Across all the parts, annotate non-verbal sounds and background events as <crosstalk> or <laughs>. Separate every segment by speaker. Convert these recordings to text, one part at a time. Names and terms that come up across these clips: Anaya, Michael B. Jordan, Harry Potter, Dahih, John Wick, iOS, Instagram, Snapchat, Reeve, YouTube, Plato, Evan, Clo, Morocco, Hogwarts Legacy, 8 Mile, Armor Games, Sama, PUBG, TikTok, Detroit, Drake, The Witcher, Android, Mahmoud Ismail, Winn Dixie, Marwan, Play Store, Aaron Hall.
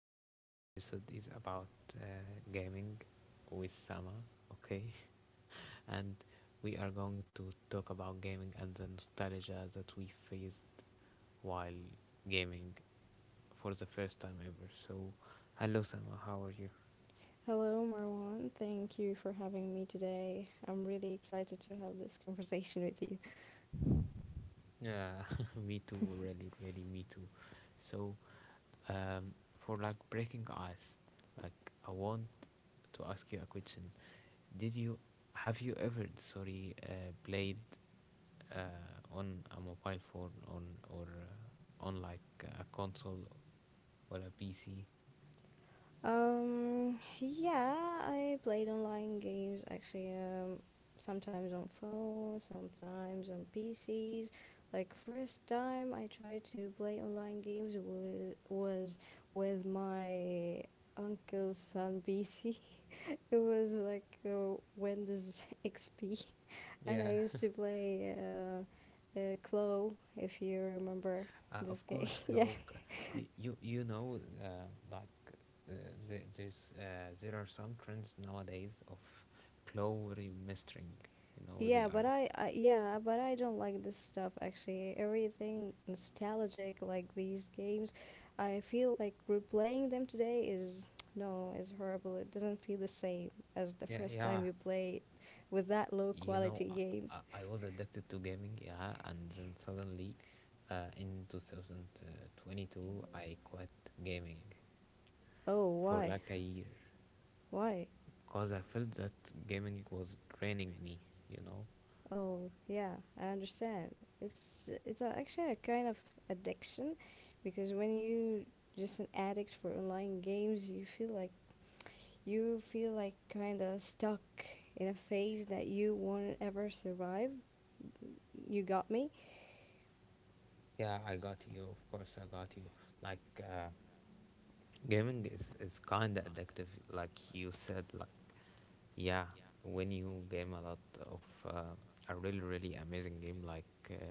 Speaker 1: today's episode is about uh, gaming with Sama. Okay, <laughs> and we are going to talk about gaming and the nostalgia that we faced while gaming for the first time ever. So, hello Sama, how are you?
Speaker 2: Hello, Marwan. Thank you for having me today. I'm really excited to have this conversation with you.
Speaker 1: Yeah, <laughs> me too, really, really, me too. So, um, for like breaking ice. Like I want to ask you a question. Did you have you ever sorry played on a mobile phone on or on like a console or a PC?
Speaker 2: Yeah, I played online games actually, sometimes on phone, sometimes on PCs. Like first time I tried to play online games was with my uncle's son PC. <laughs> It was like Windows <laughs> XP, and I
Speaker 1: Yeah,
Speaker 2: used to
Speaker 1: <laughs>
Speaker 2: play Clo, if you remember.
Speaker 1: of course, Cloak. You know like uh, there are some trends nowadays of Clow remastering. You know they are, yeah, yeah, you know I was addicted to gaming, yeah, and then suddenly in 2022 I quit gaming
Speaker 2: Oh,
Speaker 1: for
Speaker 2: why?
Speaker 1: like a year
Speaker 2: Why?
Speaker 1: because I felt that gaming was draining me, you know.
Speaker 2: Oh, yeah, I understand. It's actually a kind of addiction, because when you just an addict for online games, you feel like kind of stuck in a phase that you won't ever survive. You got me?
Speaker 1: Yeah, I got you, of course I got you. Like gaming is kind of addictive, like you said. Like yeah, when you game a lot of uh, a really really amazing game like uh,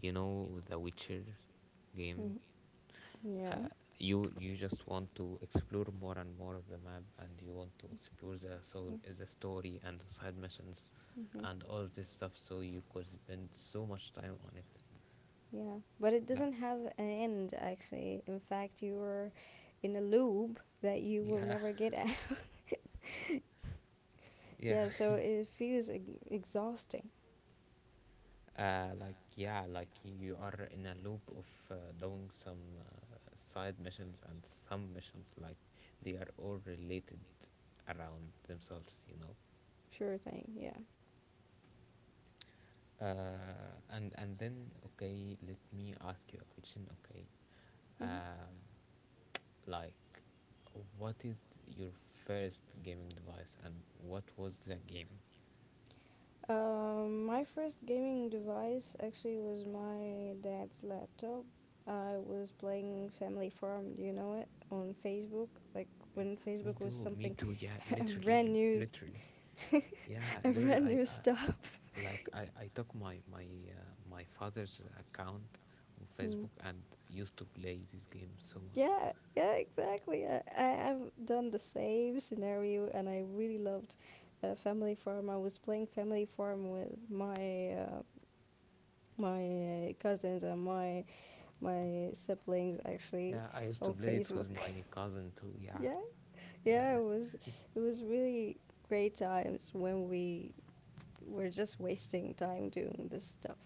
Speaker 1: you know, the Witcher game.
Speaker 2: Mm-hmm. Yeah.
Speaker 1: uh, you you just want to explore more and more of the map and you want to explore the soul, the story and the side missions
Speaker 2: Hmm.
Speaker 1: and all this stuff, so you could spend so much time on it.
Speaker 2: Yeah, but it
Speaker 1: Like
Speaker 2: doesn't have an end, actually. In fact, you are in a loop that you will
Speaker 1: yeah.
Speaker 2: never get out. <laughs>
Speaker 1: <laughs> Yeah.
Speaker 2: Yeah, so it feels exhausting.
Speaker 1: Like yeah, like you are in a loop of doing some side missions and some missions, like they are all related around themselves, you know.
Speaker 2: Sure thing, yeah.
Speaker 1: And then okay, let me ask you a question, okay.
Speaker 2: Hmm.
Speaker 1: um, like what is your first gaming device and what was the game?
Speaker 2: My first gaming device actually was my dad's laptop. I was playing Family Farm, do you know it? On Facebook, like
Speaker 1: Eh,
Speaker 2: when
Speaker 1: me
Speaker 2: Facebook was
Speaker 1: too, me
Speaker 2: something
Speaker 1: too, yeah,
Speaker 2: <laughs> a
Speaker 1: literally,
Speaker 2: brand
Speaker 1: l-
Speaker 2: new,
Speaker 1: literally. Yeah,
Speaker 2: <laughs> a
Speaker 1: girl,
Speaker 2: brand
Speaker 1: I
Speaker 2: new stuff.
Speaker 1: like I took my father's account on
Speaker 2: Mm.
Speaker 1: Facebook and used to play this game so much.
Speaker 2: Yeah, yeah, exactly. I have done the same scenario and I really loved Family Farm. I was playing Family Farm with my my cousins and my siblings actually
Speaker 1: Yeah, I used
Speaker 2: on
Speaker 1: to play it
Speaker 2: Facebook.
Speaker 1: with my cousin too,
Speaker 2: <laughs>
Speaker 1: yeah.
Speaker 2: Yeah,
Speaker 1: Yeah,
Speaker 2: yeah, it was really great times when we were just wasting time doing this stuff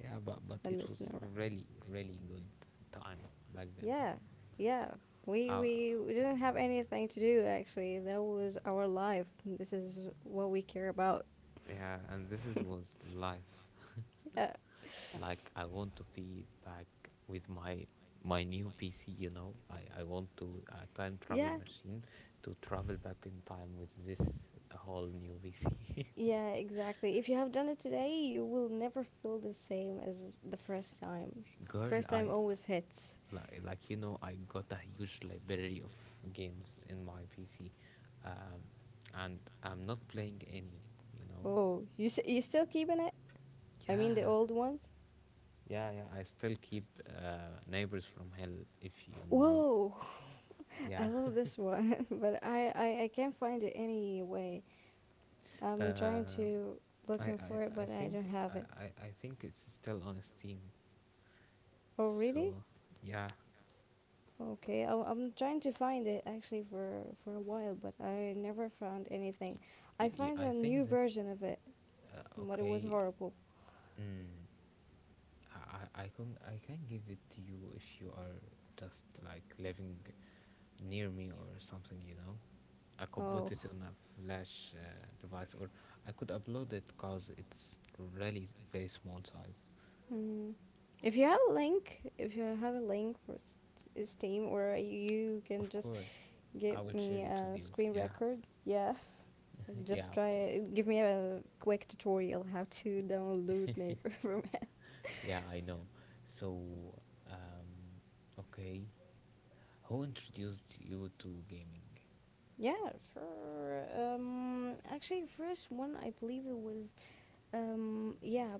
Speaker 1: yeah, but
Speaker 2: and
Speaker 1: it was
Speaker 2: messing around.
Speaker 1: really really good time back then.
Speaker 2: Yeah, yeah. We,
Speaker 1: uh,
Speaker 2: we we didn't have anything to do actually. That was our life. This is what we care about.
Speaker 1: yeah, and this is was life.
Speaker 2: Yeah.
Speaker 1: Like I want to be back with my new PC, you know, I want to a time travel
Speaker 2: Yeah.
Speaker 1: machine to travel back in time with this whole new PC.
Speaker 2: Yeah, exactly. If you have done it today, you will never feel the same as the first time.
Speaker 1: <laughs> Girl,
Speaker 2: First
Speaker 1: I,
Speaker 2: time always hits.
Speaker 1: like you know, I got a huge library of games in my PC, um and I'm not playing any, you know.
Speaker 2: Oh, you you still keeping it? I mean the
Speaker 1: Yeah,
Speaker 2: old ones?
Speaker 1: yeah, yeah, I still keep neighbors from hell, if you know.
Speaker 2: Whoa. <laughs> I
Speaker 1: Yeah,
Speaker 2: love this one, <laughs> but I can't find it anyway.
Speaker 1: <laughs>
Speaker 2: I'm trying
Speaker 1: uh,
Speaker 2: to
Speaker 1: I,
Speaker 2: looking
Speaker 1: I,
Speaker 2: for it,
Speaker 1: I
Speaker 2: but I don't
Speaker 1: think
Speaker 2: have
Speaker 1: I,
Speaker 2: it.
Speaker 1: I I think it's still on Steam.
Speaker 2: Oh, really?
Speaker 1: So yeah,
Speaker 2: Okay, I'm trying to find it actually for a while, but I never found anything. I found
Speaker 1: I
Speaker 2: a new
Speaker 1: think that
Speaker 2: version of it, but it was
Speaker 1: okay.
Speaker 2: horrible.
Speaker 1: Mm, I can give it to you if you are just like living near me or something. You know, I could put
Speaker 2: Oh,
Speaker 1: it on a flash device or I could upload it, cause it's really very small size.
Speaker 2: mm. If you have a link, if you have a link for Steam, or you can
Speaker 1: Of
Speaker 2: just
Speaker 1: course,
Speaker 2: give
Speaker 1: I will share
Speaker 2: me
Speaker 1: it with
Speaker 2: a
Speaker 1: you.
Speaker 2: screen
Speaker 1: Yeah,
Speaker 2: record. Yeah,
Speaker 1: <laughs> yeah,
Speaker 2: just
Speaker 1: of
Speaker 2: try
Speaker 1: course.
Speaker 2: it. Give me a quick tutorial how to download Neighbor <laughs> from it.
Speaker 1: Yeah, I know. So, um, okay. Who introduced you to gaming?
Speaker 2: Yeah, sure. Actually, first one I believe it was um yeah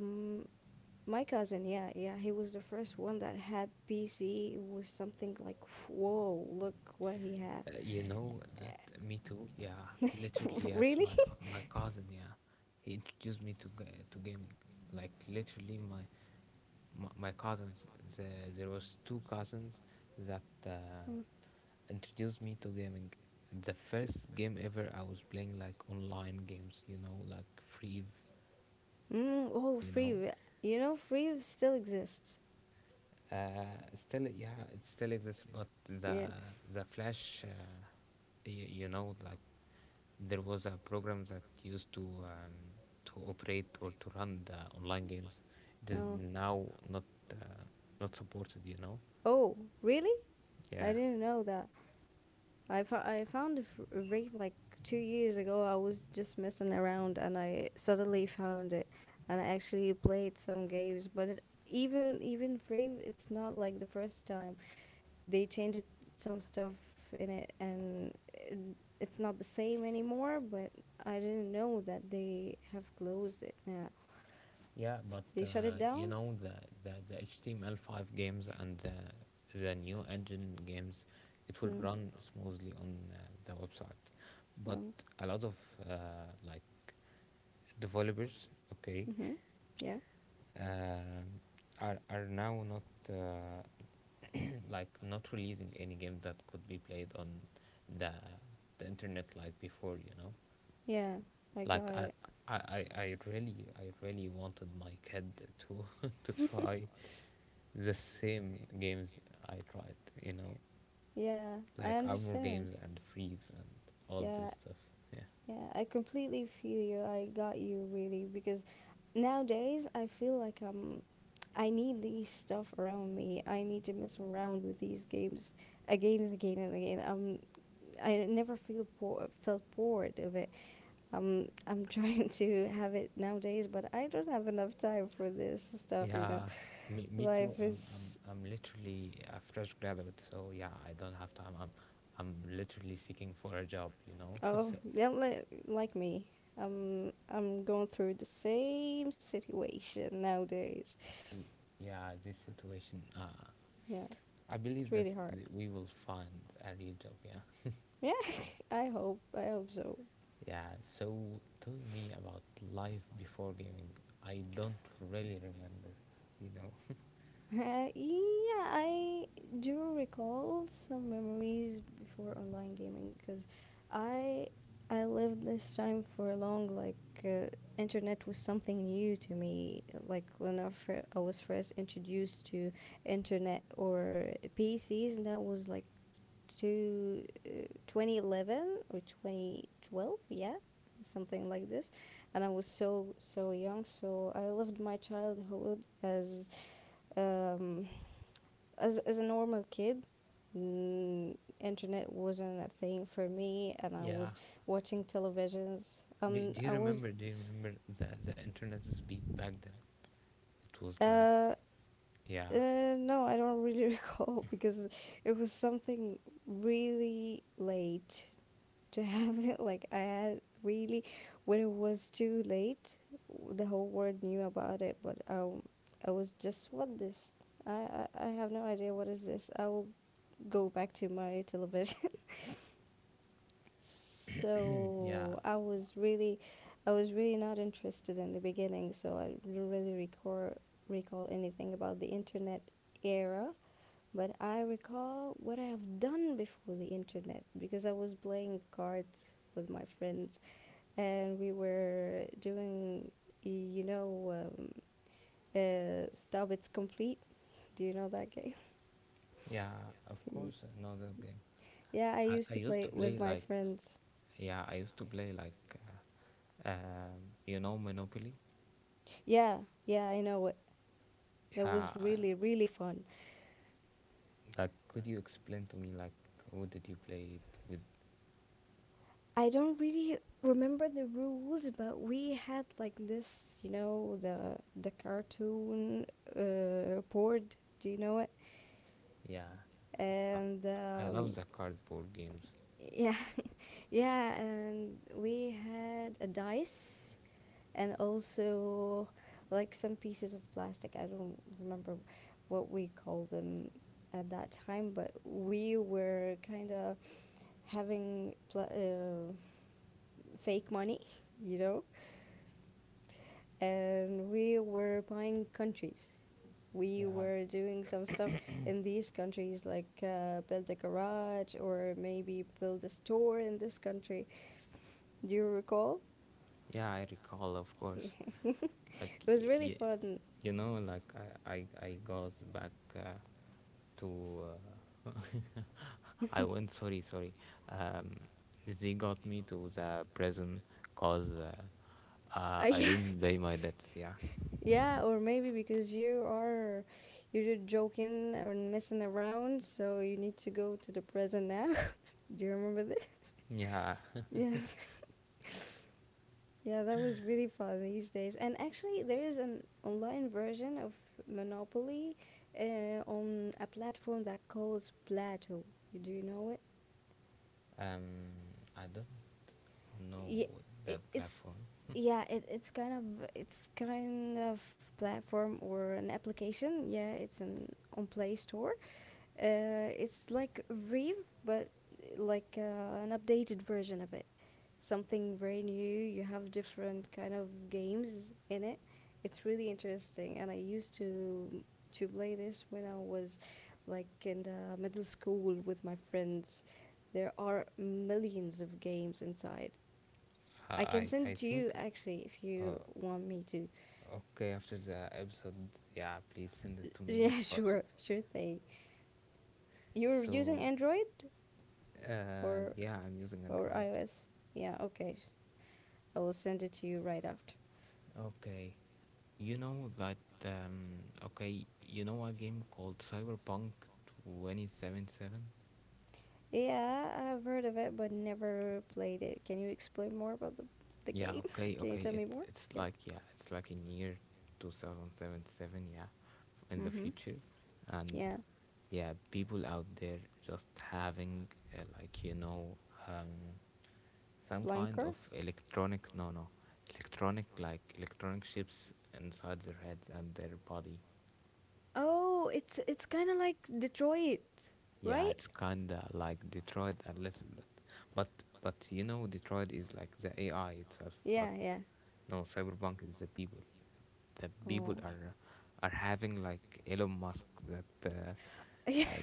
Speaker 2: my cousin, yeah, yeah, he was the first one that had PC. It was something like, whoa, look what he had.
Speaker 1: You know that, me too. Yeah, literally, yes,
Speaker 2: <laughs> Really?
Speaker 1: my cousin. Yeah, he introduced me to gaming. Like literally, my cousins. The, there was two cousins that
Speaker 2: Mm.
Speaker 1: introduced me to gaming. The first game ever I was playing like online games. You know, like Free.
Speaker 2: Mm, oh,
Speaker 1: You know,
Speaker 2: Free. You know, Free still exists.
Speaker 1: Uh, still, yeah, it still exists, but the
Speaker 2: Yeah.
Speaker 1: the Flash, y- you know, like there was a program that used to operate or to run the online games. It is
Speaker 2: Oh.
Speaker 1: now not uh, not supported, you know.
Speaker 2: Oh, really? I
Speaker 1: Yeah,
Speaker 2: didn't know that. I found a a rape like 2 years ago. I was just messing around and I suddenly found it, and I actually played some games. But it, even even rape, it's not like the first time. They changed some stuff in it, and it, it's not the same anymore. But I didn't know that they have closed it now.
Speaker 1: yeah, but
Speaker 2: They shut it
Speaker 1: you
Speaker 2: down?
Speaker 1: know the HTML5 games and the new engine games, it will
Speaker 2: Mm.
Speaker 1: run smoothly on the website, but
Speaker 2: Oh.
Speaker 1: a lot of like developers, okay,
Speaker 2: Mm-hmm. Yeah.
Speaker 1: um, are now not uh, <clears throat> like not releasing any game that could be played on the the internet like before, you know.
Speaker 2: Yeah, I
Speaker 1: Like
Speaker 2: got
Speaker 1: i
Speaker 2: it.
Speaker 1: i i I really i really wanted my kid to <laughs> to
Speaker 2: <laughs>
Speaker 1: try the same games I tried, you know,
Speaker 2: Yeah, I
Speaker 1: like armor
Speaker 2: understand.
Speaker 1: games and freeze and all
Speaker 2: Yeah,
Speaker 1: this stuff, yeah.
Speaker 2: yeah, I completely feel you. I got you really because nowadays I feel like I need these stuff around me. I need to mess around with these games again and again and again. I never feel bored, felt bored of it. I'm trying <laughs> to have it nowadays, but I don't have enough time for this stuff, you know.
Speaker 1: Yeah, me too.
Speaker 2: Life is
Speaker 1: I'm literally a fresh graduate, so yeah, I don't have time. I'm literally seeking for a job, you know? <laughs>
Speaker 2: oh,
Speaker 1: So,
Speaker 2: yeah, like me. Um, I'm going through the same situation nowadays.
Speaker 1: y- yeah, this situation,
Speaker 2: Yeah.
Speaker 1: I
Speaker 2: It's
Speaker 1: believe that
Speaker 2: really hard.
Speaker 1: we will find a real job, yeah.
Speaker 2: Yeah, <laughs> I hope. I hope so. <laughs>
Speaker 1: Yeah, so tell me about life before gaming. I don't really remember, you know?
Speaker 2: Yeah, I do recall some memories before online gaming because I I lived this time for long. Like uh, internet was something new to me. Like when I was first introduced to internet or PCs, that was like to 2011 or 2012, yeah, something like this. And I was so so young, so I lived my childhood as um, as a normal kid. Mm, internet wasn't a thing for me and I
Speaker 1: Yeah.
Speaker 2: was watching televisions.
Speaker 1: Do,
Speaker 2: Um,
Speaker 1: do you
Speaker 2: I was
Speaker 1: remember, do you remember the internet speed back then? It was like,
Speaker 2: uh,
Speaker 1: yeah,
Speaker 2: no I don't really <laughs> recall because it was something really late <laughs> to have it. Like I had it really when it was too late, the whole world knew about it, but I was just what this. I have no idea what is this. I will go back to my television. <laughs>
Speaker 1: yeah.
Speaker 2: So I was really not interested in the beginning. So I don't really recall anything about the internet era. But I recall what I have done before the internet because I was playing cards with my friends and we were doing, you know, Stop It's Complete. Do you know that game?
Speaker 1: Yeah, of course, another game.
Speaker 2: <laughs> Yeah, I
Speaker 1: I,
Speaker 2: used
Speaker 1: I
Speaker 2: to
Speaker 1: used
Speaker 2: play
Speaker 1: to
Speaker 2: it
Speaker 1: play
Speaker 2: with my
Speaker 1: like,
Speaker 2: friends.
Speaker 1: yeah, I used to play like uh, you know, Monopoly.
Speaker 2: Yeah, yeah, I know it. That was
Speaker 1: Yeah, I-
Speaker 2: really, really fun.
Speaker 1: like could you explain to me like who did you play it with?
Speaker 2: I don't really remember the rules, but we had like this, you know, the cartoon board. Do you know it?
Speaker 1: Yeah, I,
Speaker 2: And
Speaker 1: I love the cardboard games.
Speaker 2: yeah, <laughs> yeah, and we had a dice and also like some pieces of plastic. I don't remember what we call them at that time, but we were kind of having pl fake money, <laughs> you know, and we were buying countries. We
Speaker 1: Yeah,
Speaker 2: were doing some stuff in these countries, like build a garage or maybe build a store in this country. Do you recall?
Speaker 1: yeah, I recall, of
Speaker 2: Yeah, I
Speaker 1: course.
Speaker 2: recall.
Speaker 1: Like
Speaker 2: <laughs> It was really fun.
Speaker 1: you know, like I got back to uh, <laughs>
Speaker 2: <laughs>
Speaker 1: I went, sorry, sorry. Um, they got me to the prison cause. I
Speaker 2: Yeah.
Speaker 1: didn't pay my debts, yeah.
Speaker 2: Yeah, or maybe because you're just joking or messing around, so you need to go to the present now. <laughs> Do you remember this? <laughs>
Speaker 1: Yeah,
Speaker 2: Yeah. <laughs> Yeah, that was really fun these days. And actually, there is an online version of Monopoly on a platform that calls Plato. Do you know it?
Speaker 1: um, I don't know
Speaker 2: Yeah,
Speaker 1: that
Speaker 2: it's
Speaker 1: platform.
Speaker 2: yeah, it's kind of platform or an application. Yeah, it's an on Play Store. It's like Reeve, but like an updated version of it. Something very new. You have different kind of games in it. It's really interesting, and I used to play this when I was like in the middle school with my friends. There are millions of games inside.
Speaker 1: I
Speaker 2: I can send
Speaker 1: I I
Speaker 2: it to you
Speaker 1: think,
Speaker 2: actually if you want me to.
Speaker 1: okay, after the episode. Yeah, please send it to
Speaker 2: <laughs>
Speaker 1: me, of
Speaker 2: Yeah,
Speaker 1: course.
Speaker 2: sure, sure thing. You're using
Speaker 1: So,
Speaker 2: Android? or
Speaker 1: yeah, I'm using
Speaker 2: or
Speaker 1: Android.
Speaker 2: iOS. Yeah, okay. I will send it to you right after.
Speaker 1: Okay, you know that. Okay, you know a game called Cyberpunk 2077.
Speaker 2: Yeah, I've heard of it but never played it. Can you explain more about the
Speaker 1: Yeah,
Speaker 2: game?
Speaker 1: okay,
Speaker 2: <laughs> Can you
Speaker 1: okay.
Speaker 2: tell
Speaker 1: It
Speaker 2: me more?
Speaker 1: it's
Speaker 2: Yes.
Speaker 1: like, yeah, it's like in year 2077, yeah,
Speaker 2: Yeah.
Speaker 1: in the
Speaker 2: Mhm.
Speaker 1: future, and
Speaker 2: Yeah.
Speaker 1: yeah, people out there just having like you know um some
Speaker 2: Flying
Speaker 1: kind of
Speaker 2: cars?
Speaker 1: electronic, no no, electronic, like electronic chips inside their heads and their body.
Speaker 2: Oh, it's kind of like Detroit,
Speaker 1: Yeah,
Speaker 2: right?
Speaker 1: it's kinda like Detroit a little bit, but but you know Detroit is like the AI itself, but
Speaker 2: Yeah, yeah.
Speaker 1: no, Cyberpunk is the people. The people
Speaker 2: Oh. <laughs>
Speaker 1: are having like Elon Musk that
Speaker 2: Yeah,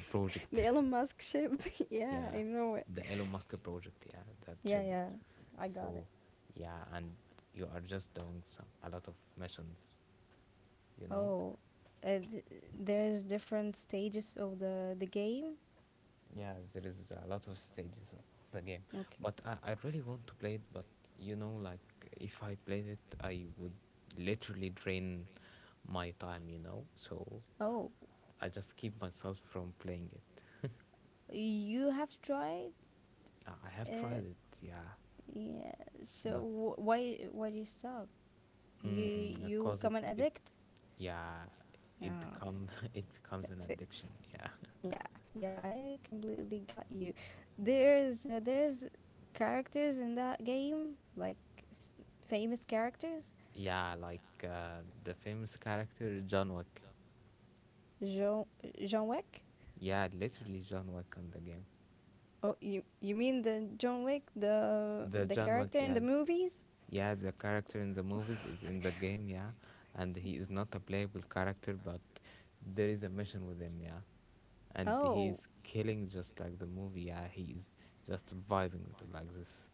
Speaker 2: the
Speaker 1: project,
Speaker 2: Elon Musk ship. <laughs> Yeah, I
Speaker 1: yeah,
Speaker 2: know it.
Speaker 1: the Elon Musk project, yeah, that
Speaker 2: Yeah,
Speaker 1: chip.
Speaker 2: yeah. I got it.
Speaker 1: So yeah, and you are just doing some a lot of missions, you know.
Speaker 2: Oh, uh, th- there's different stages of the game.
Speaker 1: Yeah, there is a lot of stages of the game,
Speaker 2: Okay.
Speaker 1: but I really want to play it. But you know, like if I played it, I would literally drain my time, you know. So
Speaker 2: Oh,
Speaker 1: I just keep myself from playing it.
Speaker 2: you have tried?
Speaker 1: I have
Speaker 2: Uh,
Speaker 1: tried it, yeah,
Speaker 2: yeah. So
Speaker 1: but
Speaker 2: why do you stop? You
Speaker 1: mm,
Speaker 2: you
Speaker 1: because
Speaker 2: become an addict?
Speaker 1: yeah, it
Speaker 2: Yeah,
Speaker 1: become <laughs> it
Speaker 2: that's
Speaker 1: becomes
Speaker 2: it.
Speaker 1: an addiction. Yeah,
Speaker 2: Yeah, yeah, I completely got you. There's characters in that game like s- famous characters.
Speaker 1: <laughs> yeah, like the famous character John Wick.
Speaker 2: Jean John Wick.
Speaker 1: Yeah, literally John Wick on the game.
Speaker 2: Oh, you mean the John Wick, the
Speaker 1: The John
Speaker 2: character
Speaker 1: Wick,
Speaker 2: in the
Speaker 1: yeah,
Speaker 2: movies? <laughs>
Speaker 1: yeah, the character in the movies is in the game, yeah, and he is not a playable character, but there is a mission with him, yeah, and he
Speaker 2: Oh,
Speaker 1: is killing just like the movie. Yeah, he is just vibing with like this.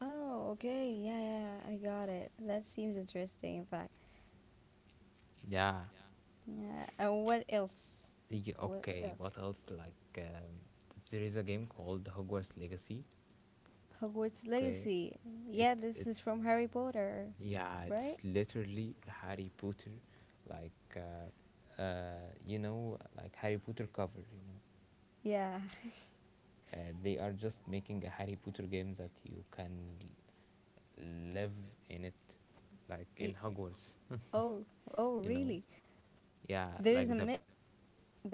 Speaker 2: oh, okay. Yeah, yeah, yeah, I got it. That seems interesting, in fact.
Speaker 1: Yeah.
Speaker 2: Yeah. And what else?
Speaker 1: Yeah,
Speaker 2: What
Speaker 1: okay,
Speaker 2: else?
Speaker 1: what else? Like, there is a game called Hogwarts Legacy.
Speaker 2: Hogwarts
Speaker 1: Okay,
Speaker 2: Legacy.
Speaker 1: it
Speaker 2: Yeah, this
Speaker 1: it
Speaker 2: is from Harry Potter,
Speaker 1: yeah, it's
Speaker 2: right?
Speaker 1: literally Harry Potter, like you know, like Harry Potter cover. You know,
Speaker 2: Yeah. <laughs>
Speaker 1: they are just making a Harry Potter game that you can live in it, like in
Speaker 2: Y-
Speaker 1: Hogwarts.
Speaker 2: Oh, oh,
Speaker 1: <laughs> You know,
Speaker 2: really?
Speaker 1: yeah, like
Speaker 2: There's a
Speaker 1: the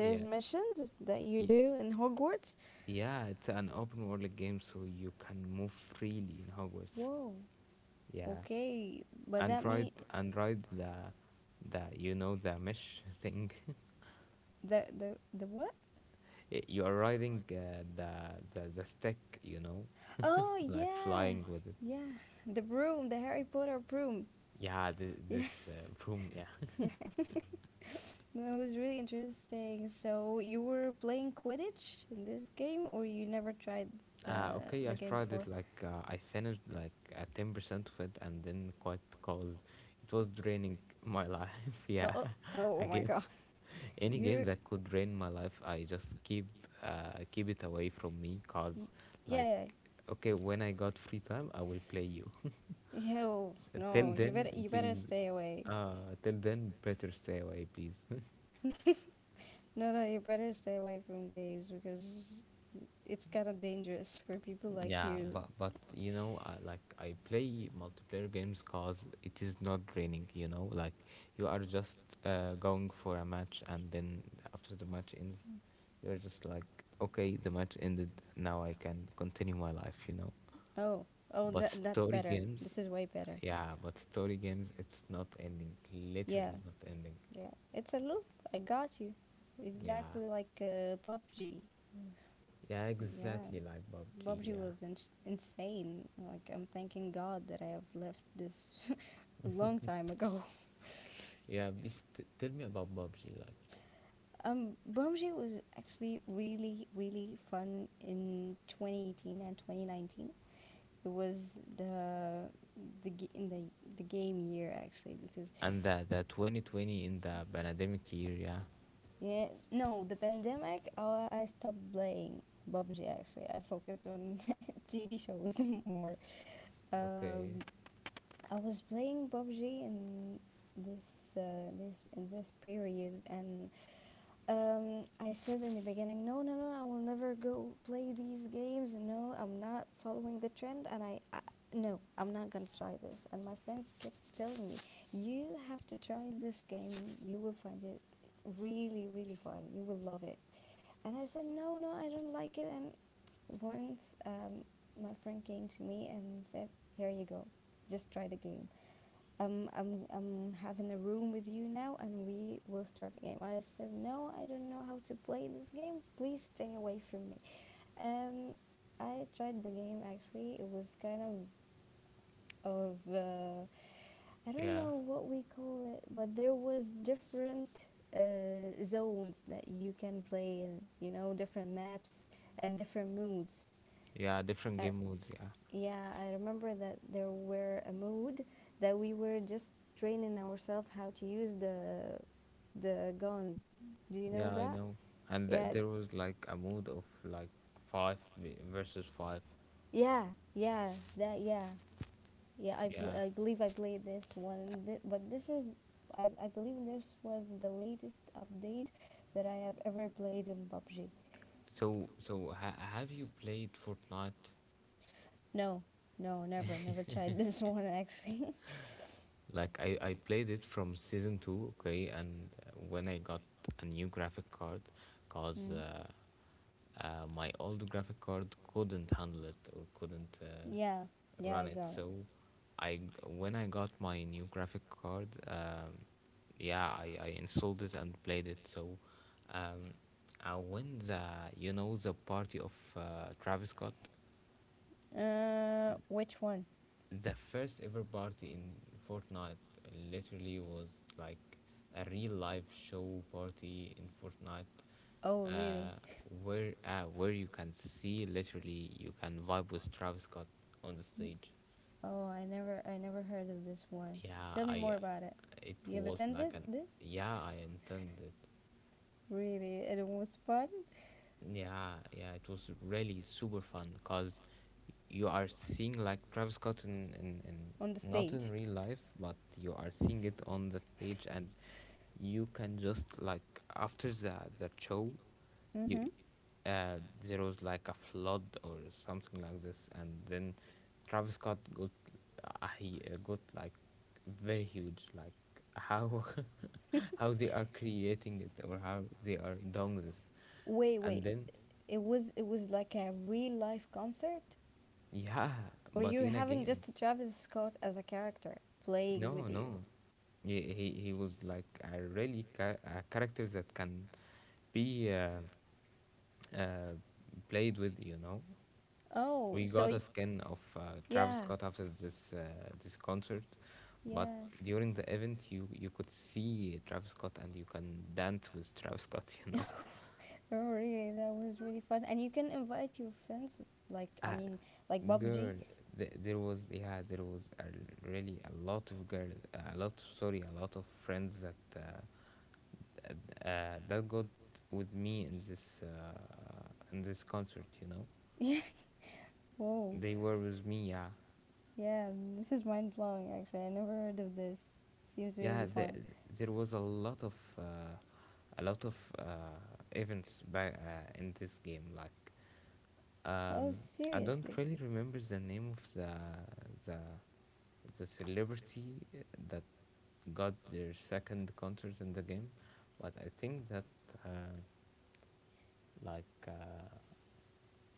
Speaker 1: yeah.
Speaker 2: missions that you
Speaker 1: y-
Speaker 2: do in Hogwarts?
Speaker 1: Yeah, it's an open world game, so you can move freely in Hogwarts.
Speaker 2: Whoa.
Speaker 1: Yeah,
Speaker 2: Okay, but
Speaker 1: and
Speaker 2: that mean
Speaker 1: ride the, you know, the mesh thing. <laughs>
Speaker 2: the the what?
Speaker 1: You are riding the stick, you know,
Speaker 2: Oh
Speaker 1: like
Speaker 2: yeah,
Speaker 1: flying with it,
Speaker 2: yeah. The broom, the Harry Potter broom.
Speaker 1: yeah, this
Speaker 2: Yeah,
Speaker 1: broom, yeah.
Speaker 2: <laughs> yeah. <laughs> That was really interesting. So you were playing Quidditch in this game, or you never tried the
Speaker 1: Okay, I
Speaker 2: game
Speaker 1: tried
Speaker 2: before?
Speaker 1: it, like I finished like 10% of it and then quit, cause it was draining my life. <laughs>
Speaker 2: Oh
Speaker 1: Yeah.
Speaker 2: oh oh
Speaker 1: <laughs>
Speaker 2: oh my
Speaker 1: Again,
Speaker 2: god, <laughs>
Speaker 1: any game
Speaker 2: you're
Speaker 1: that could drain my life, I just keep keep it away from me, cause,
Speaker 2: y- yeah
Speaker 1: like,
Speaker 2: yeah.
Speaker 1: okay, when I got free time I will play you.
Speaker 2: Yo, no,
Speaker 1: Till then,
Speaker 2: you better
Speaker 1: please.
Speaker 2: stay away.
Speaker 1: Till then, better stay away, please. <laughs>
Speaker 2: uh, <laughs> No, no, you better stay away from games because it's kind of dangerous <laughs> for people like
Speaker 1: Yeah,
Speaker 2: you.
Speaker 1: but you know, I, like I play multiplayer games, cause it is not draining. You know, like you are just going for a match, and then after the match ends, you're just like, okay, the match ended. Now I can continue my life. You know,
Speaker 2: Oh, oh,
Speaker 1: but
Speaker 2: that that's
Speaker 1: story
Speaker 2: better.
Speaker 1: games,
Speaker 2: This is way better.
Speaker 1: yeah, but story games, it's not ending.
Speaker 2: Yeah,
Speaker 1: Literally not ending.
Speaker 2: yeah. It's a loop. I got you.
Speaker 1: Yeah,
Speaker 2: Exactly like PUBG.
Speaker 1: yeah,
Speaker 2: Yeah,
Speaker 1: exactly like pub G.
Speaker 2: PUBG
Speaker 1: Yeah.
Speaker 2: was insane. Like I'm thanking God that I have left this <laughs> a long time ago. <laughs>
Speaker 1: Yeah, please tell me about PUBG, like,
Speaker 2: PUBG was actually really, really fun in 2018 and 2019. It was the in the game year actually because
Speaker 1: and the 2020 in the pandemic year. Yeah,
Speaker 2: yeah no the pandemic I stopped playing PUBG, actually I focused on <laughs> TV shows <laughs> more.
Speaker 1: okay.
Speaker 2: Um, I was playing PUBG in this period. And I said in the beginning, no, no, no, I will never go play these games. No, I'm not following the trend, and I no, I'm not gonna try this. And my friends kept telling me, you have to try this game. You will find it really, really fun. You will love it. And I said, no, no, I don't like it. And once my friend came to me and said, here you go, just try the game. I'm having a room with you now and we will start the game. I said, no, I don't know how to play this game. Please stay away from me. Um, I tried the game actually. It was kind of, I don't
Speaker 1: Yeah,
Speaker 2: know what we call it, but there was different zones that you can play in. You know, different maps and different moods.
Speaker 1: yeah. Different
Speaker 2: I,
Speaker 1: game modes. Yeah,
Speaker 2: yeah, I remember that there were a mode that we were just training ourselves how to use the guns. Do you know
Speaker 1: yeah. I
Speaker 2: that?
Speaker 1: know. And
Speaker 2: Yeah,
Speaker 1: there was like a mode of like five versus five.
Speaker 2: yeah, yeah, that yeah, yeah.
Speaker 1: Yeah.
Speaker 2: I believe I played this one. Th- but this is I believe this was the latest update that I have ever played in PUBG.
Speaker 1: So so have you played Fortnite?
Speaker 2: No, no, never, never tried this <laughs> one actually.
Speaker 1: Like I played it from season two. Okay, and when I got a new graphic card, cause my old graphic card couldn't handle it or couldn't
Speaker 2: Yeah, yeah, I
Speaker 1: run it. So I when I got my new graphic card, yeah, I installed it and played it. So um, I win the the party of Travis Scott,
Speaker 2: it. So which one?
Speaker 1: the first ever party in Fortnite, literally was like a real live show party in Fortnite,
Speaker 2: Oh, really?
Speaker 1: uh,
Speaker 2: <laughs>
Speaker 1: where you can see literally you can vibe with Travis Scott on the
Speaker 2: N-
Speaker 1: stage.
Speaker 2: Oh, I never, I never heard of this one.
Speaker 1: Yeah,
Speaker 2: Tell me
Speaker 1: I
Speaker 2: more about it.
Speaker 1: it
Speaker 2: You have
Speaker 1: was like
Speaker 2: attended
Speaker 1: an
Speaker 2: this?
Speaker 1: yeah I intended
Speaker 2: Really? It was fun?
Speaker 1: Yeah, yeah, it was really super fun because you are seeing like Travis Scott in, in,
Speaker 2: On the
Speaker 1: in not in
Speaker 2: stage.
Speaker 1: real life, but you are seeing it on the stage, and you can just like after the show, you
Speaker 2: Mm-hmm.
Speaker 1: uh, there was like a flood or something like this, and then Travis Scott got he got like very huge, like how <laughs>
Speaker 2: <laughs>
Speaker 1: how they are creating it or how they are doing this,
Speaker 2: Wait,
Speaker 1: and
Speaker 2: wait.
Speaker 1: then
Speaker 2: It was like a real life concert,
Speaker 1: yeah,
Speaker 2: or
Speaker 1: but
Speaker 2: you're
Speaker 1: in a
Speaker 2: having
Speaker 1: game.
Speaker 2: just Travis Scott as a character playing with
Speaker 1: No,
Speaker 2: you.
Speaker 1: no. He was like a really a character that can be uh, played with, you know.
Speaker 2: oh
Speaker 1: We
Speaker 2: so
Speaker 1: got a
Speaker 2: y-
Speaker 1: skin of Travis
Speaker 2: yeah,
Speaker 1: Scott after this concert, but
Speaker 2: yeah.
Speaker 1: during the event you could see Travis Scott and you can dance with Travis Scott, <laughs> you
Speaker 2: <laughs>
Speaker 1: know.
Speaker 2: Oh really, that was really fun. And you can invite your friends, like I
Speaker 1: Ah,
Speaker 2: mean like Bob PUBG.
Speaker 1: girl, there was there was really a lot of girl, a lot sorry, a lot of friends that that got with me in this concert, you know,
Speaker 2: <laughs> Yeah. Whoa.
Speaker 1: they were with me, yeah.
Speaker 2: Yeah, this is mind blowing actually. I never heard of this. Seems really
Speaker 1: yeah the,
Speaker 2: fun.
Speaker 1: there was a lot of a lot of uh, events by, in this game, like
Speaker 2: Oh,
Speaker 1: um, I don't
Speaker 2: seriously.
Speaker 1: really remember the name of the the celebrity that got their second concert in the game, but I think that uh, like uh,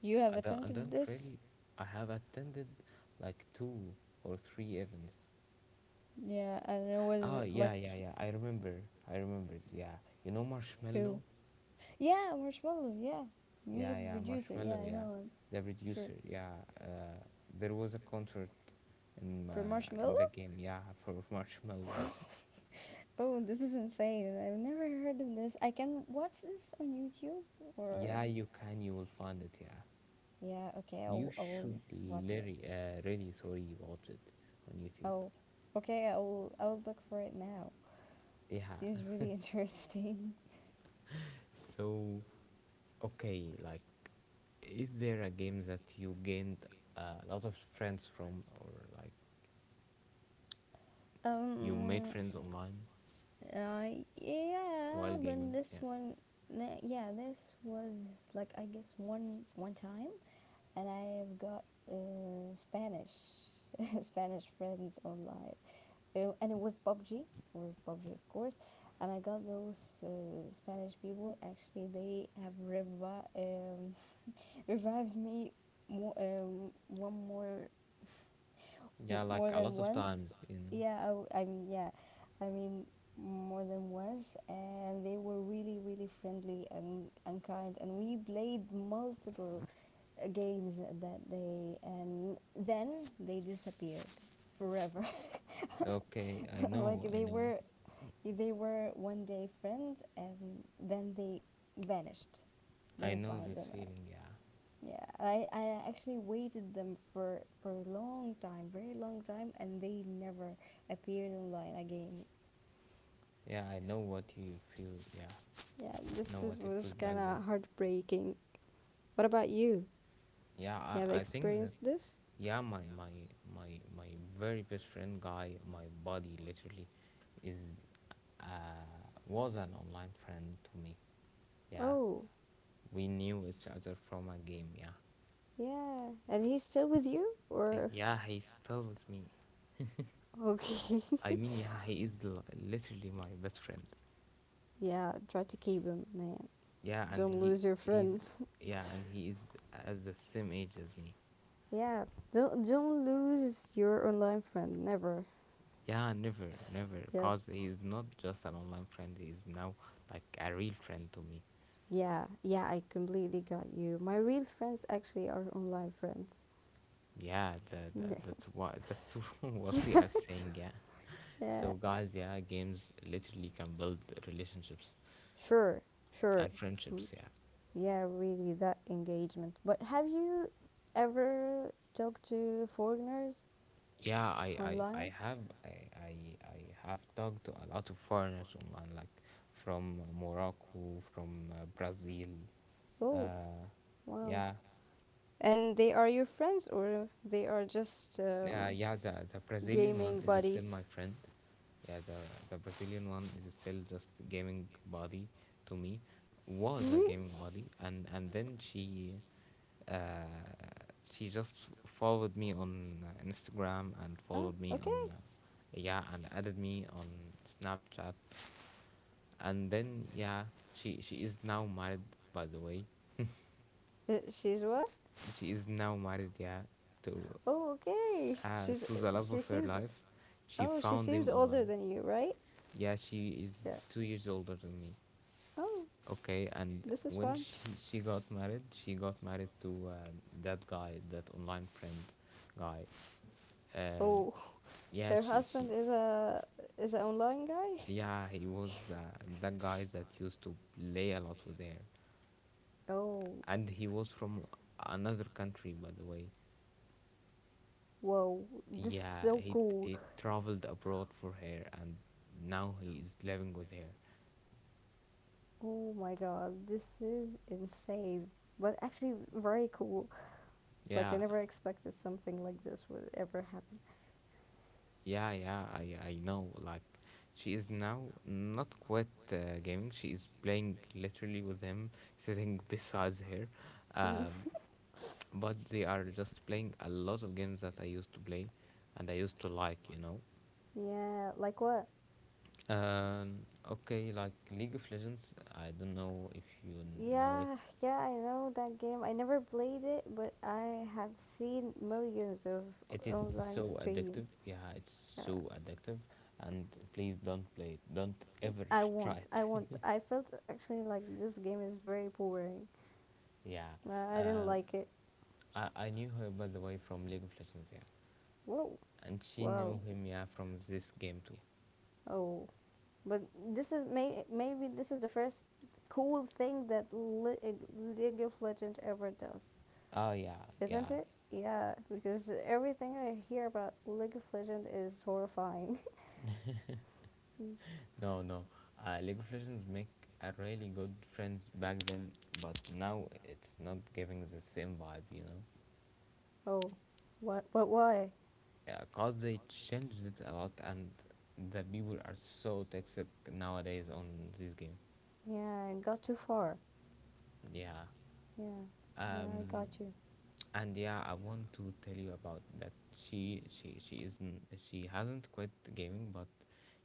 Speaker 2: You have
Speaker 1: I
Speaker 2: attended
Speaker 1: don't
Speaker 2: this?
Speaker 1: really. I have attended like two or three events.
Speaker 2: Yeah, and it
Speaker 1: Oh
Speaker 2: was
Speaker 1: yeah,
Speaker 2: like…
Speaker 1: yeah, yeah. I remember. I remembered. Yeah, you know
Speaker 2: Who?
Speaker 1: Marshmallow.
Speaker 2: Yeah, Marshmallow. Yeah, music
Speaker 1: Yeah, yeah,
Speaker 2: producer. Yeah,
Speaker 1: Marshmallow.
Speaker 2: I
Speaker 1: Yeah,
Speaker 2: know him.
Speaker 1: the
Speaker 2: Sure.
Speaker 1: producer. Yeah, uh, there was a concert
Speaker 2: For
Speaker 1: in
Speaker 2: Marshmallow?
Speaker 1: the game. Yeah, for Marshmallow.
Speaker 2: Oh, this is insane. I've never heard of this. I can watch this on YouTube or…
Speaker 1: Yeah, you can. You will find it. Yeah,
Speaker 2: Yeah. Okay,
Speaker 1: you
Speaker 2: I'll
Speaker 1: should
Speaker 2: watch it.
Speaker 1: really, really sorry watch it on YouTube.
Speaker 2: Oh, okay. I'll look for it now.
Speaker 1: Yeah.
Speaker 2: Seems
Speaker 1: <laughs>
Speaker 2: really <laughs> interesting.
Speaker 1: So okay, like is there a game that you gained a lot of friends from, or like you made
Speaker 2: Um,
Speaker 1: friends online
Speaker 2: I
Speaker 1: while
Speaker 2: Yeah,
Speaker 1: gaming?
Speaker 2: but this
Speaker 1: Yeah,
Speaker 2: one, yeah, this was like I guess one time, and I've got Spanish <laughs> Spanish friends online. And it was PUBG, it was PUBG of course, and I got those Spanish people. Actually, they have <laughs> revived me more one more…
Speaker 1: yeah, like
Speaker 2: More
Speaker 1: a
Speaker 2: than
Speaker 1: lot of
Speaker 2: once.
Speaker 1: times, you know.
Speaker 2: Yeah, I, w- I mean, yeah, I mean, More than once, and they were really, really friendly, and kind, and we played multiple games that day, and then they disappeared forever.
Speaker 1: Okay, I
Speaker 2: <laughs>
Speaker 1: know,
Speaker 2: like
Speaker 1: I
Speaker 2: they
Speaker 1: know,
Speaker 2: were, they were one day friends, and then they vanished.
Speaker 1: I
Speaker 2: Didn't
Speaker 1: know
Speaker 2: find
Speaker 1: this
Speaker 2: them.
Speaker 1: feeling. Yeah,
Speaker 2: Yeah, I actually waited them for a long time, very long time, and they never appeared online again.
Speaker 1: yeah, I know what you feel. Yeah,
Speaker 2: Yeah, this
Speaker 1: know what you feel
Speaker 2: was
Speaker 1: back
Speaker 2: kind
Speaker 1: then.
Speaker 2: of heartbreaking. What about you?
Speaker 1: Yeah,
Speaker 2: You have
Speaker 1: I think that
Speaker 2: experienced this?
Speaker 1: yeah, My very best friend guy, my buddy, literally, is was an online friend to me. Yeah,
Speaker 2: Oh,
Speaker 1: we knew each other from a game, yeah.
Speaker 2: yeah. And he's still with you, or
Speaker 1: Yeah, he's still with me.
Speaker 2: okay?
Speaker 1: I mean, yeah, he is literally my best friend.
Speaker 2: <laughs> Yeah, try to keep him, man.
Speaker 1: Yeah, and
Speaker 2: Don't
Speaker 1: he
Speaker 2: lose your
Speaker 1: he's
Speaker 2: friends.
Speaker 1: yeah, and he is at the same age as me.
Speaker 2: <laughs> Yeah, don't lose your online friend. Never.
Speaker 1: Yeah, never, never,
Speaker 2: Yeah.
Speaker 1: cause he is not just an online friend. He is now like a real friend to me.
Speaker 2: Yeah, yeah, I completely got you. My real friends actually are online friends.
Speaker 1: Yeah, that's <laughs> what we are saying. Yeah.
Speaker 2: <laughs> Yeah,
Speaker 1: So guys, yeah, games literally can build relationships
Speaker 2: sure, sure.
Speaker 1: and
Speaker 2: Mm.
Speaker 1: friendships. Yeah.
Speaker 2: Yeah, really, that engagement. But have you ever talked to foreigners
Speaker 1: Yeah, I, I, I
Speaker 2: online?
Speaker 1: have I, I, I have talked to a lot of foreigners online, like from Morocco, from Brazil.
Speaker 2: Oh,
Speaker 1: Uh,
Speaker 2: wow.
Speaker 1: yeah,
Speaker 2: And they are your friends, or they are just
Speaker 1: yeah, yeah. The Brazilian one
Speaker 2: gaming
Speaker 1: is still
Speaker 2: buddies?
Speaker 1: my friend. Yeah, the Brazilian one is still just gaming buddy to me. Was a
Speaker 2: <laughs>
Speaker 1: gaming buddy, and then uh, she just followed me on Instagram and
Speaker 2: Oh,
Speaker 1: followed me
Speaker 2: okay.
Speaker 1: on. Yeah, and added me on Snapchat, and then yeah, she is now married, by the way.
Speaker 2: She's what?
Speaker 1: She is now married, yeah, to
Speaker 2: Oh, okay. She's
Speaker 1: to the love
Speaker 2: she
Speaker 1: of her
Speaker 2: seems
Speaker 1: life. She
Speaker 2: Oh, she
Speaker 1: found
Speaker 2: seems
Speaker 1: him
Speaker 2: older
Speaker 1: online.
Speaker 2: than you, right?
Speaker 1: Yeah, she is
Speaker 2: Yeah.
Speaker 1: 2 years older than me.
Speaker 2: Oh,
Speaker 1: Okay, and
Speaker 2: this is
Speaker 1: when
Speaker 2: fun.
Speaker 1: she got married, she got married to that guy, that online friend guy, um
Speaker 2: Oh, <laughs>
Speaker 1: yeah
Speaker 2: her
Speaker 1: she she
Speaker 2: husband is an online guy. <laughs>
Speaker 1: Yeah he was that guy that used to play a lot with her,
Speaker 2: Oh.
Speaker 1: and he was from another country, by the way.
Speaker 2: Whoa, this is
Speaker 1: Yeah,
Speaker 2: so cool.
Speaker 1: he traveled abroad for her, and now he is living with her.
Speaker 2: Oh my god, this is insane. But actually, very cool. Like, I
Speaker 1: Yeah,
Speaker 2: never expected something like this would ever happen.
Speaker 1: yeah, yeah. I know. Like, she is now not quite gaming. She is playing literally with him, sitting <laughs> beside her. Um,
Speaker 2: <laughs>
Speaker 1: but they are just playing a lot of games that I used to play, and I used to like. You know.
Speaker 2: Yeah, like what?
Speaker 1: Okay. Like League of Legends. I don't know if you know it.
Speaker 2: Yeah, yeah, I know that game. I never played it, but I have seen millions of
Speaker 1: It is
Speaker 2: online
Speaker 1: so
Speaker 2: streams.
Speaker 1: addictive. Yeah, it's
Speaker 2: Uh,
Speaker 1: so addictive. And please don't play it. Don't ever
Speaker 2: I
Speaker 1: <laughs>
Speaker 2: won't.
Speaker 1: try
Speaker 2: I won't.
Speaker 1: it.
Speaker 2: I felt actually like this game is very boring.
Speaker 1: <laughs> Yeah.
Speaker 2: I didn't
Speaker 1: Uh,
Speaker 2: like it.
Speaker 1: I knew her, by the way, from League of Legends, yeah.
Speaker 2: Whoa.
Speaker 1: And she knew
Speaker 2: Wow.
Speaker 1: him, yeah, from this game too.
Speaker 2: Oh. But this is maybe this is the first cool thing that League of Legends ever does.
Speaker 1: Oh, yeah,
Speaker 2: Isn't
Speaker 1: yeah.
Speaker 2: it? Yeah, because everything I hear about League of Legends is horrifying. <laughs>
Speaker 1: No, no. League of Legends make a really good friends back then, but now it's not giving the same vibe, you know?
Speaker 2: Oh, what? What? Why?
Speaker 1: Yeah, cause they changed it a lot and the people are so toxic nowadays on this game.
Speaker 2: Yeah, I got too far.
Speaker 1: Yeah.
Speaker 2: Yeah, yeah, I
Speaker 1: Um,
Speaker 2: got you.
Speaker 1: and yeah, I want to tell you about that. She isn't, she hasn't quit gaming, but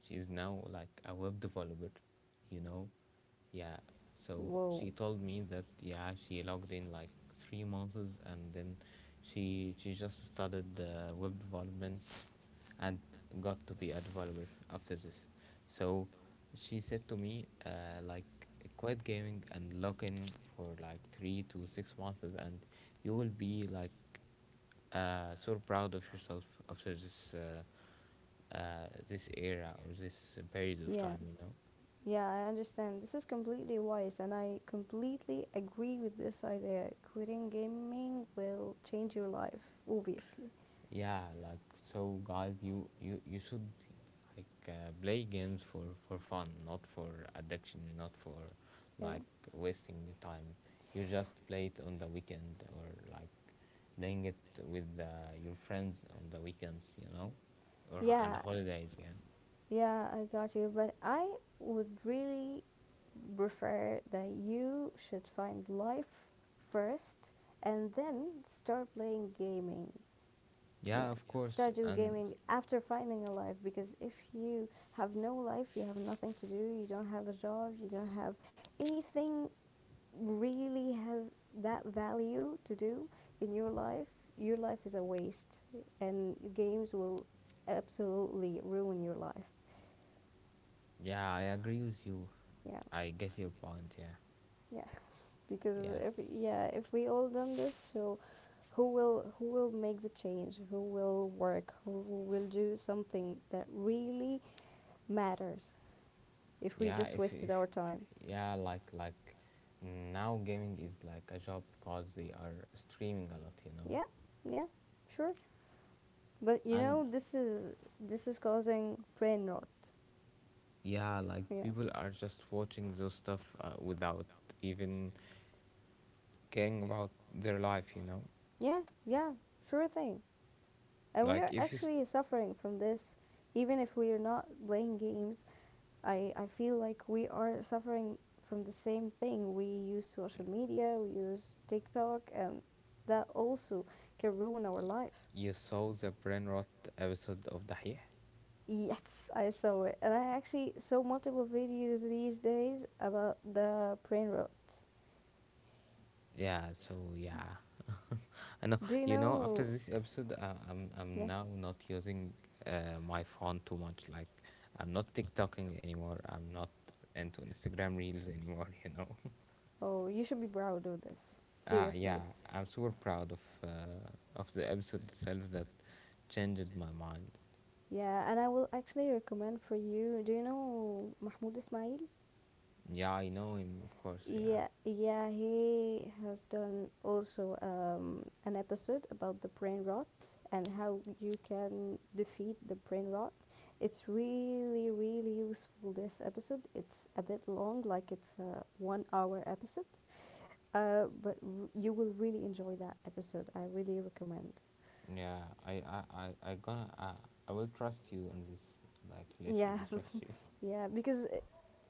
Speaker 1: she is now like a web developer, you know. Yeah, so
Speaker 2: Whoa.
Speaker 1: she told me that yeah, she logged in like 3 months, and then she just started web development and got to be a developer after this. So she said to me like quit gaming and log in for like 3 to 6 months and you will be like so proud of yourself after this era or this period of
Speaker 2: Yeah,
Speaker 1: time, you know.
Speaker 2: yeah, I understand. This is completely wise, and I completely agree with this idea. Quitting gaming will change your life, obviously.
Speaker 1: Yeah, like, so guys, you should like play games for fun, not for addiction, not for
Speaker 2: Yeah.
Speaker 1: like wasting time. You just play it on the weekend, or like playing it with your friends on the weekends, you know, and the
Speaker 2: Yeah,
Speaker 1: holidays, yeah.
Speaker 2: yeah, I got you. But I would really prefer that you should find life first and then start playing gaming. Yeah,
Speaker 1: Yeah, of course.
Speaker 2: start do
Speaker 1: And
Speaker 2: gaming after finding a life, because if you have no life, you have nothing to do, you don't have a job, you don't have anything really has that value to do in your life is a waste, and games will absolutely ruin your life.
Speaker 1: yeah, I agree with you.
Speaker 2: Yeah,
Speaker 1: I get your point, yeah.
Speaker 2: yeah. Because
Speaker 1: yeah
Speaker 2: if yeah, if we all done this, so who will make the change? Who will work? Who will do something that really matters? If we
Speaker 1: yeah
Speaker 2: just wasted
Speaker 1: if
Speaker 2: our time…
Speaker 1: yeah like Now gaming is like a job because they are streaming a lot, you know.
Speaker 2: Yeah, yeah, sure. But you
Speaker 1: And
Speaker 2: know, this is causing brain rot.
Speaker 1: yeah, like
Speaker 2: Yeah.
Speaker 1: people are just watching those stuff without even caring about their life, you know.
Speaker 2: Yeah, yeah, sure thing. And we are,
Speaker 1: Like
Speaker 2: like,
Speaker 1: if you s-
Speaker 2: actually suffering from this, even if we are not playing games. I feel like we are suffering from the same thing. We use social media, we use TikTok, and that also can ruin our life.
Speaker 1: You saw the brain rot episode of Dahih?
Speaker 2: Yes, I saw it. And I actually saw multiple videos these days about the brain rot.
Speaker 1: Yeah, so yeah, I know.
Speaker 2: Do you
Speaker 1: You know, after
Speaker 2: know?
Speaker 1: this episode, I'm
Speaker 2: Yeah.
Speaker 1: now not using my phone too much. Like I'm not TikToking anymore, I'm not into Instagram reels anymore, <laughs> you know.
Speaker 2: Oh, you should be proud of this.
Speaker 1: Ah, yeah,
Speaker 2: Seriously.
Speaker 1: I'm super proud of the episode itself that changed my mind.
Speaker 2: Yeah, and I will actually recommend for you. Do you know Mahmoud Ismail?
Speaker 1: Yeah, I know him, of course. Yeah,
Speaker 2: Yeah, yeah, he has done also an episode about the brain rot and how you can defeat the brain rot. It's really, really useful this episode. It's a bit long, like it's a 1 hour episode, you will really enjoy that episode. I really recommend.
Speaker 1: yeah, I, I, I, I gonna, I I will trust you in this. Like
Speaker 2: Yeah.
Speaker 1: literally trust you.
Speaker 2: <laughs> Yeah, because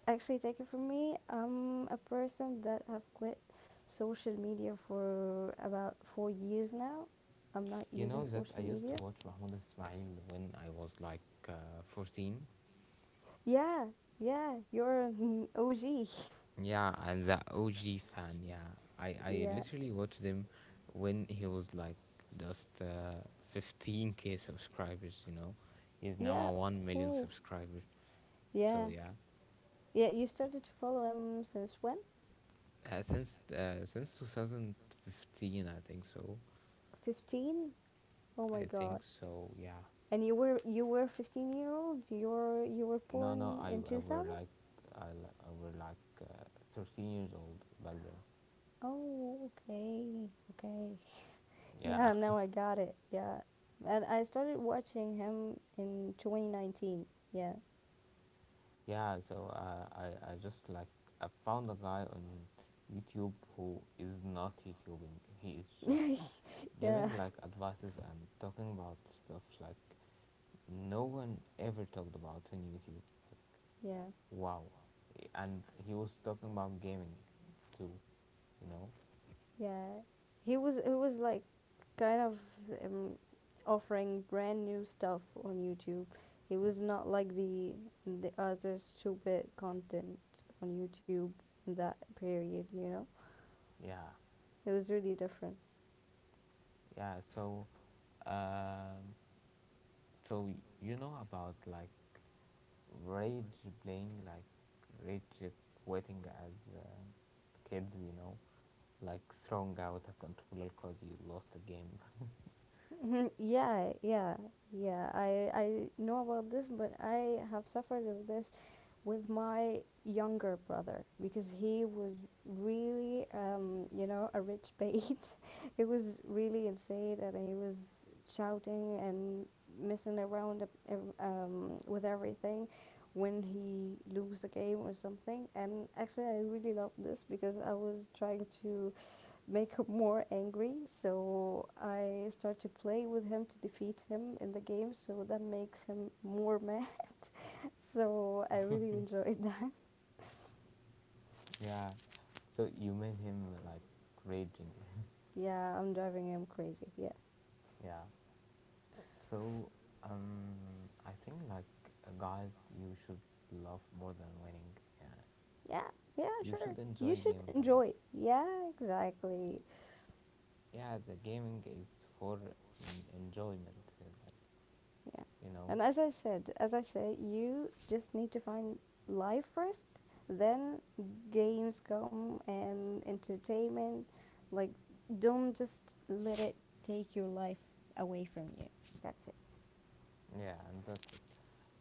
Speaker 2: actually, take it from me, I'm a person that have quit social media for about 4 years now. I'm not
Speaker 1: You
Speaker 2: using
Speaker 1: know that I
Speaker 2: social
Speaker 1: used
Speaker 2: media.
Speaker 1: to watch Mahmoud Ismail when I was like uh, 14.
Speaker 2: Yeah, yeah, you're an <laughs> OG. <laughs>
Speaker 1: Yeah, I'm the OG fan. Yeah, I
Speaker 2: Yeah,
Speaker 1: literally watched him when he was like just 15K subscribers. You know, he's now
Speaker 2: yeah.
Speaker 1: a 1 million
Speaker 2: Oh,
Speaker 1: subscriber. So
Speaker 2: yeah,
Speaker 1: yeah,
Speaker 2: yeah. You started to follow him since when?
Speaker 1: since 2015, I think so.
Speaker 2: 15? Oh my
Speaker 1: I think
Speaker 2: God.
Speaker 1: so. Yeah.
Speaker 2: And you were 15 year old. You were
Speaker 1: No, no,
Speaker 2: born in
Speaker 1: I
Speaker 2: two
Speaker 1: were
Speaker 2: thousand.
Speaker 1: like I, li- I were like 13 years old back then.
Speaker 2: Oh, okay, okay. <laughs> Yeah,
Speaker 1: Yeah,
Speaker 2: now I got it. Yeah. And I started watching him in 2019. Yeah.
Speaker 1: <laughs> yeah. So I just like I found a guy on YouTube who is not YouTubing. He is just
Speaker 2: Yeah.
Speaker 1: giving like advices and talking about stuff like no one ever talked about on YouTube.
Speaker 2: Yeah.
Speaker 1: Wow. And he was talking about gaming too, you know?
Speaker 2: Yeah. He was like kind of um, offering brand new stuff on YouTube. He was not like the other stupid content on YouTube in that period, you know?
Speaker 1: Yeah.
Speaker 2: It was really different.
Speaker 1: Yeah, so um so you know about like rage playing, like rage quitting as kids, you know, like throwing out a controller cuz you lost a game.
Speaker 2: Mhm, yeah, yeah, yeah. I know about this, but I have suffered of this with my younger brother because he was really, you know, a rich bait. <laughs> He was really insane, and he was shouting and messing around with everything when he lose a game or something. And actually, I really love this because I was trying to make him more angry. So I start to play with him to defeat him in the game. So that makes him more mad. <laughs> So I really enjoyed <laughs> that.
Speaker 1: <laughs> Yeah. So you made him like raging.
Speaker 2: Yeah, I'm driving him crazy. Yeah.
Speaker 1: <laughs> Yeah. So um I think like Guys, you should love more than winning. Yeah.
Speaker 2: Yeah, yeah,
Speaker 1: You
Speaker 2: sure.
Speaker 1: should
Speaker 2: You
Speaker 1: enjoy
Speaker 2: should
Speaker 1: gaming a lot.
Speaker 2: enjoy it. Yeah, exactly.
Speaker 1: Yeah, the gaming is for enjoyment, like
Speaker 2: Yeah.
Speaker 1: you know.
Speaker 2: And as I said, as I say, you just need to find life first, then games come and entertainment. Like, don't just let it take your life away from you. That's it.
Speaker 1: Yeah, and that's it.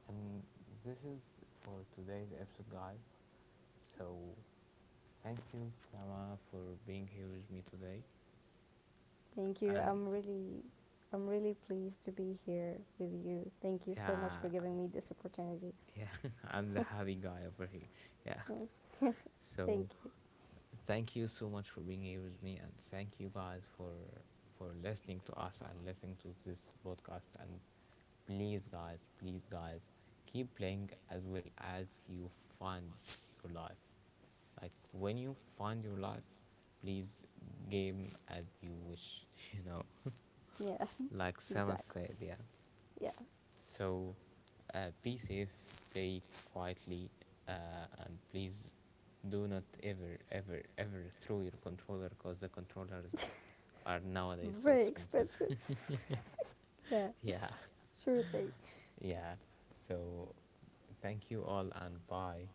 Speaker 1: And this is for today's episode, guys. So thank you, Tama, for being here with me today.
Speaker 2: Thank you.
Speaker 1: And
Speaker 2: I'm really pleased to be here with you. Thank you so much
Speaker 1: yeah,
Speaker 2: for giving me this opportunity.
Speaker 1: yeah, <laughs> I'm the happy guy over here. Yeah.
Speaker 2: <laughs> Thank
Speaker 1: So
Speaker 2: you.
Speaker 1: thank you so much for being here with me, and thank you guys for listening to us and listening to this podcast. And please, guys, keep playing as well as you find your life. Like when you find your life, please game as you wish. <laughs> You know,
Speaker 2: Yeah,
Speaker 1: like
Speaker 2: <laughs>
Speaker 1: Samus
Speaker 2: exactly.
Speaker 1: said, yeah.
Speaker 2: Yeah.
Speaker 1: So be safe, play quietly, and please do not ever, ever, ever throw your controller because the controllers are nowadays so
Speaker 2: Very
Speaker 1: expensive.
Speaker 2: expensive.
Speaker 1: <laughs>
Speaker 2: <laughs> Yeah,
Speaker 1: Yeah,
Speaker 2: sure thing.
Speaker 1: yeah. So thank you all and bye.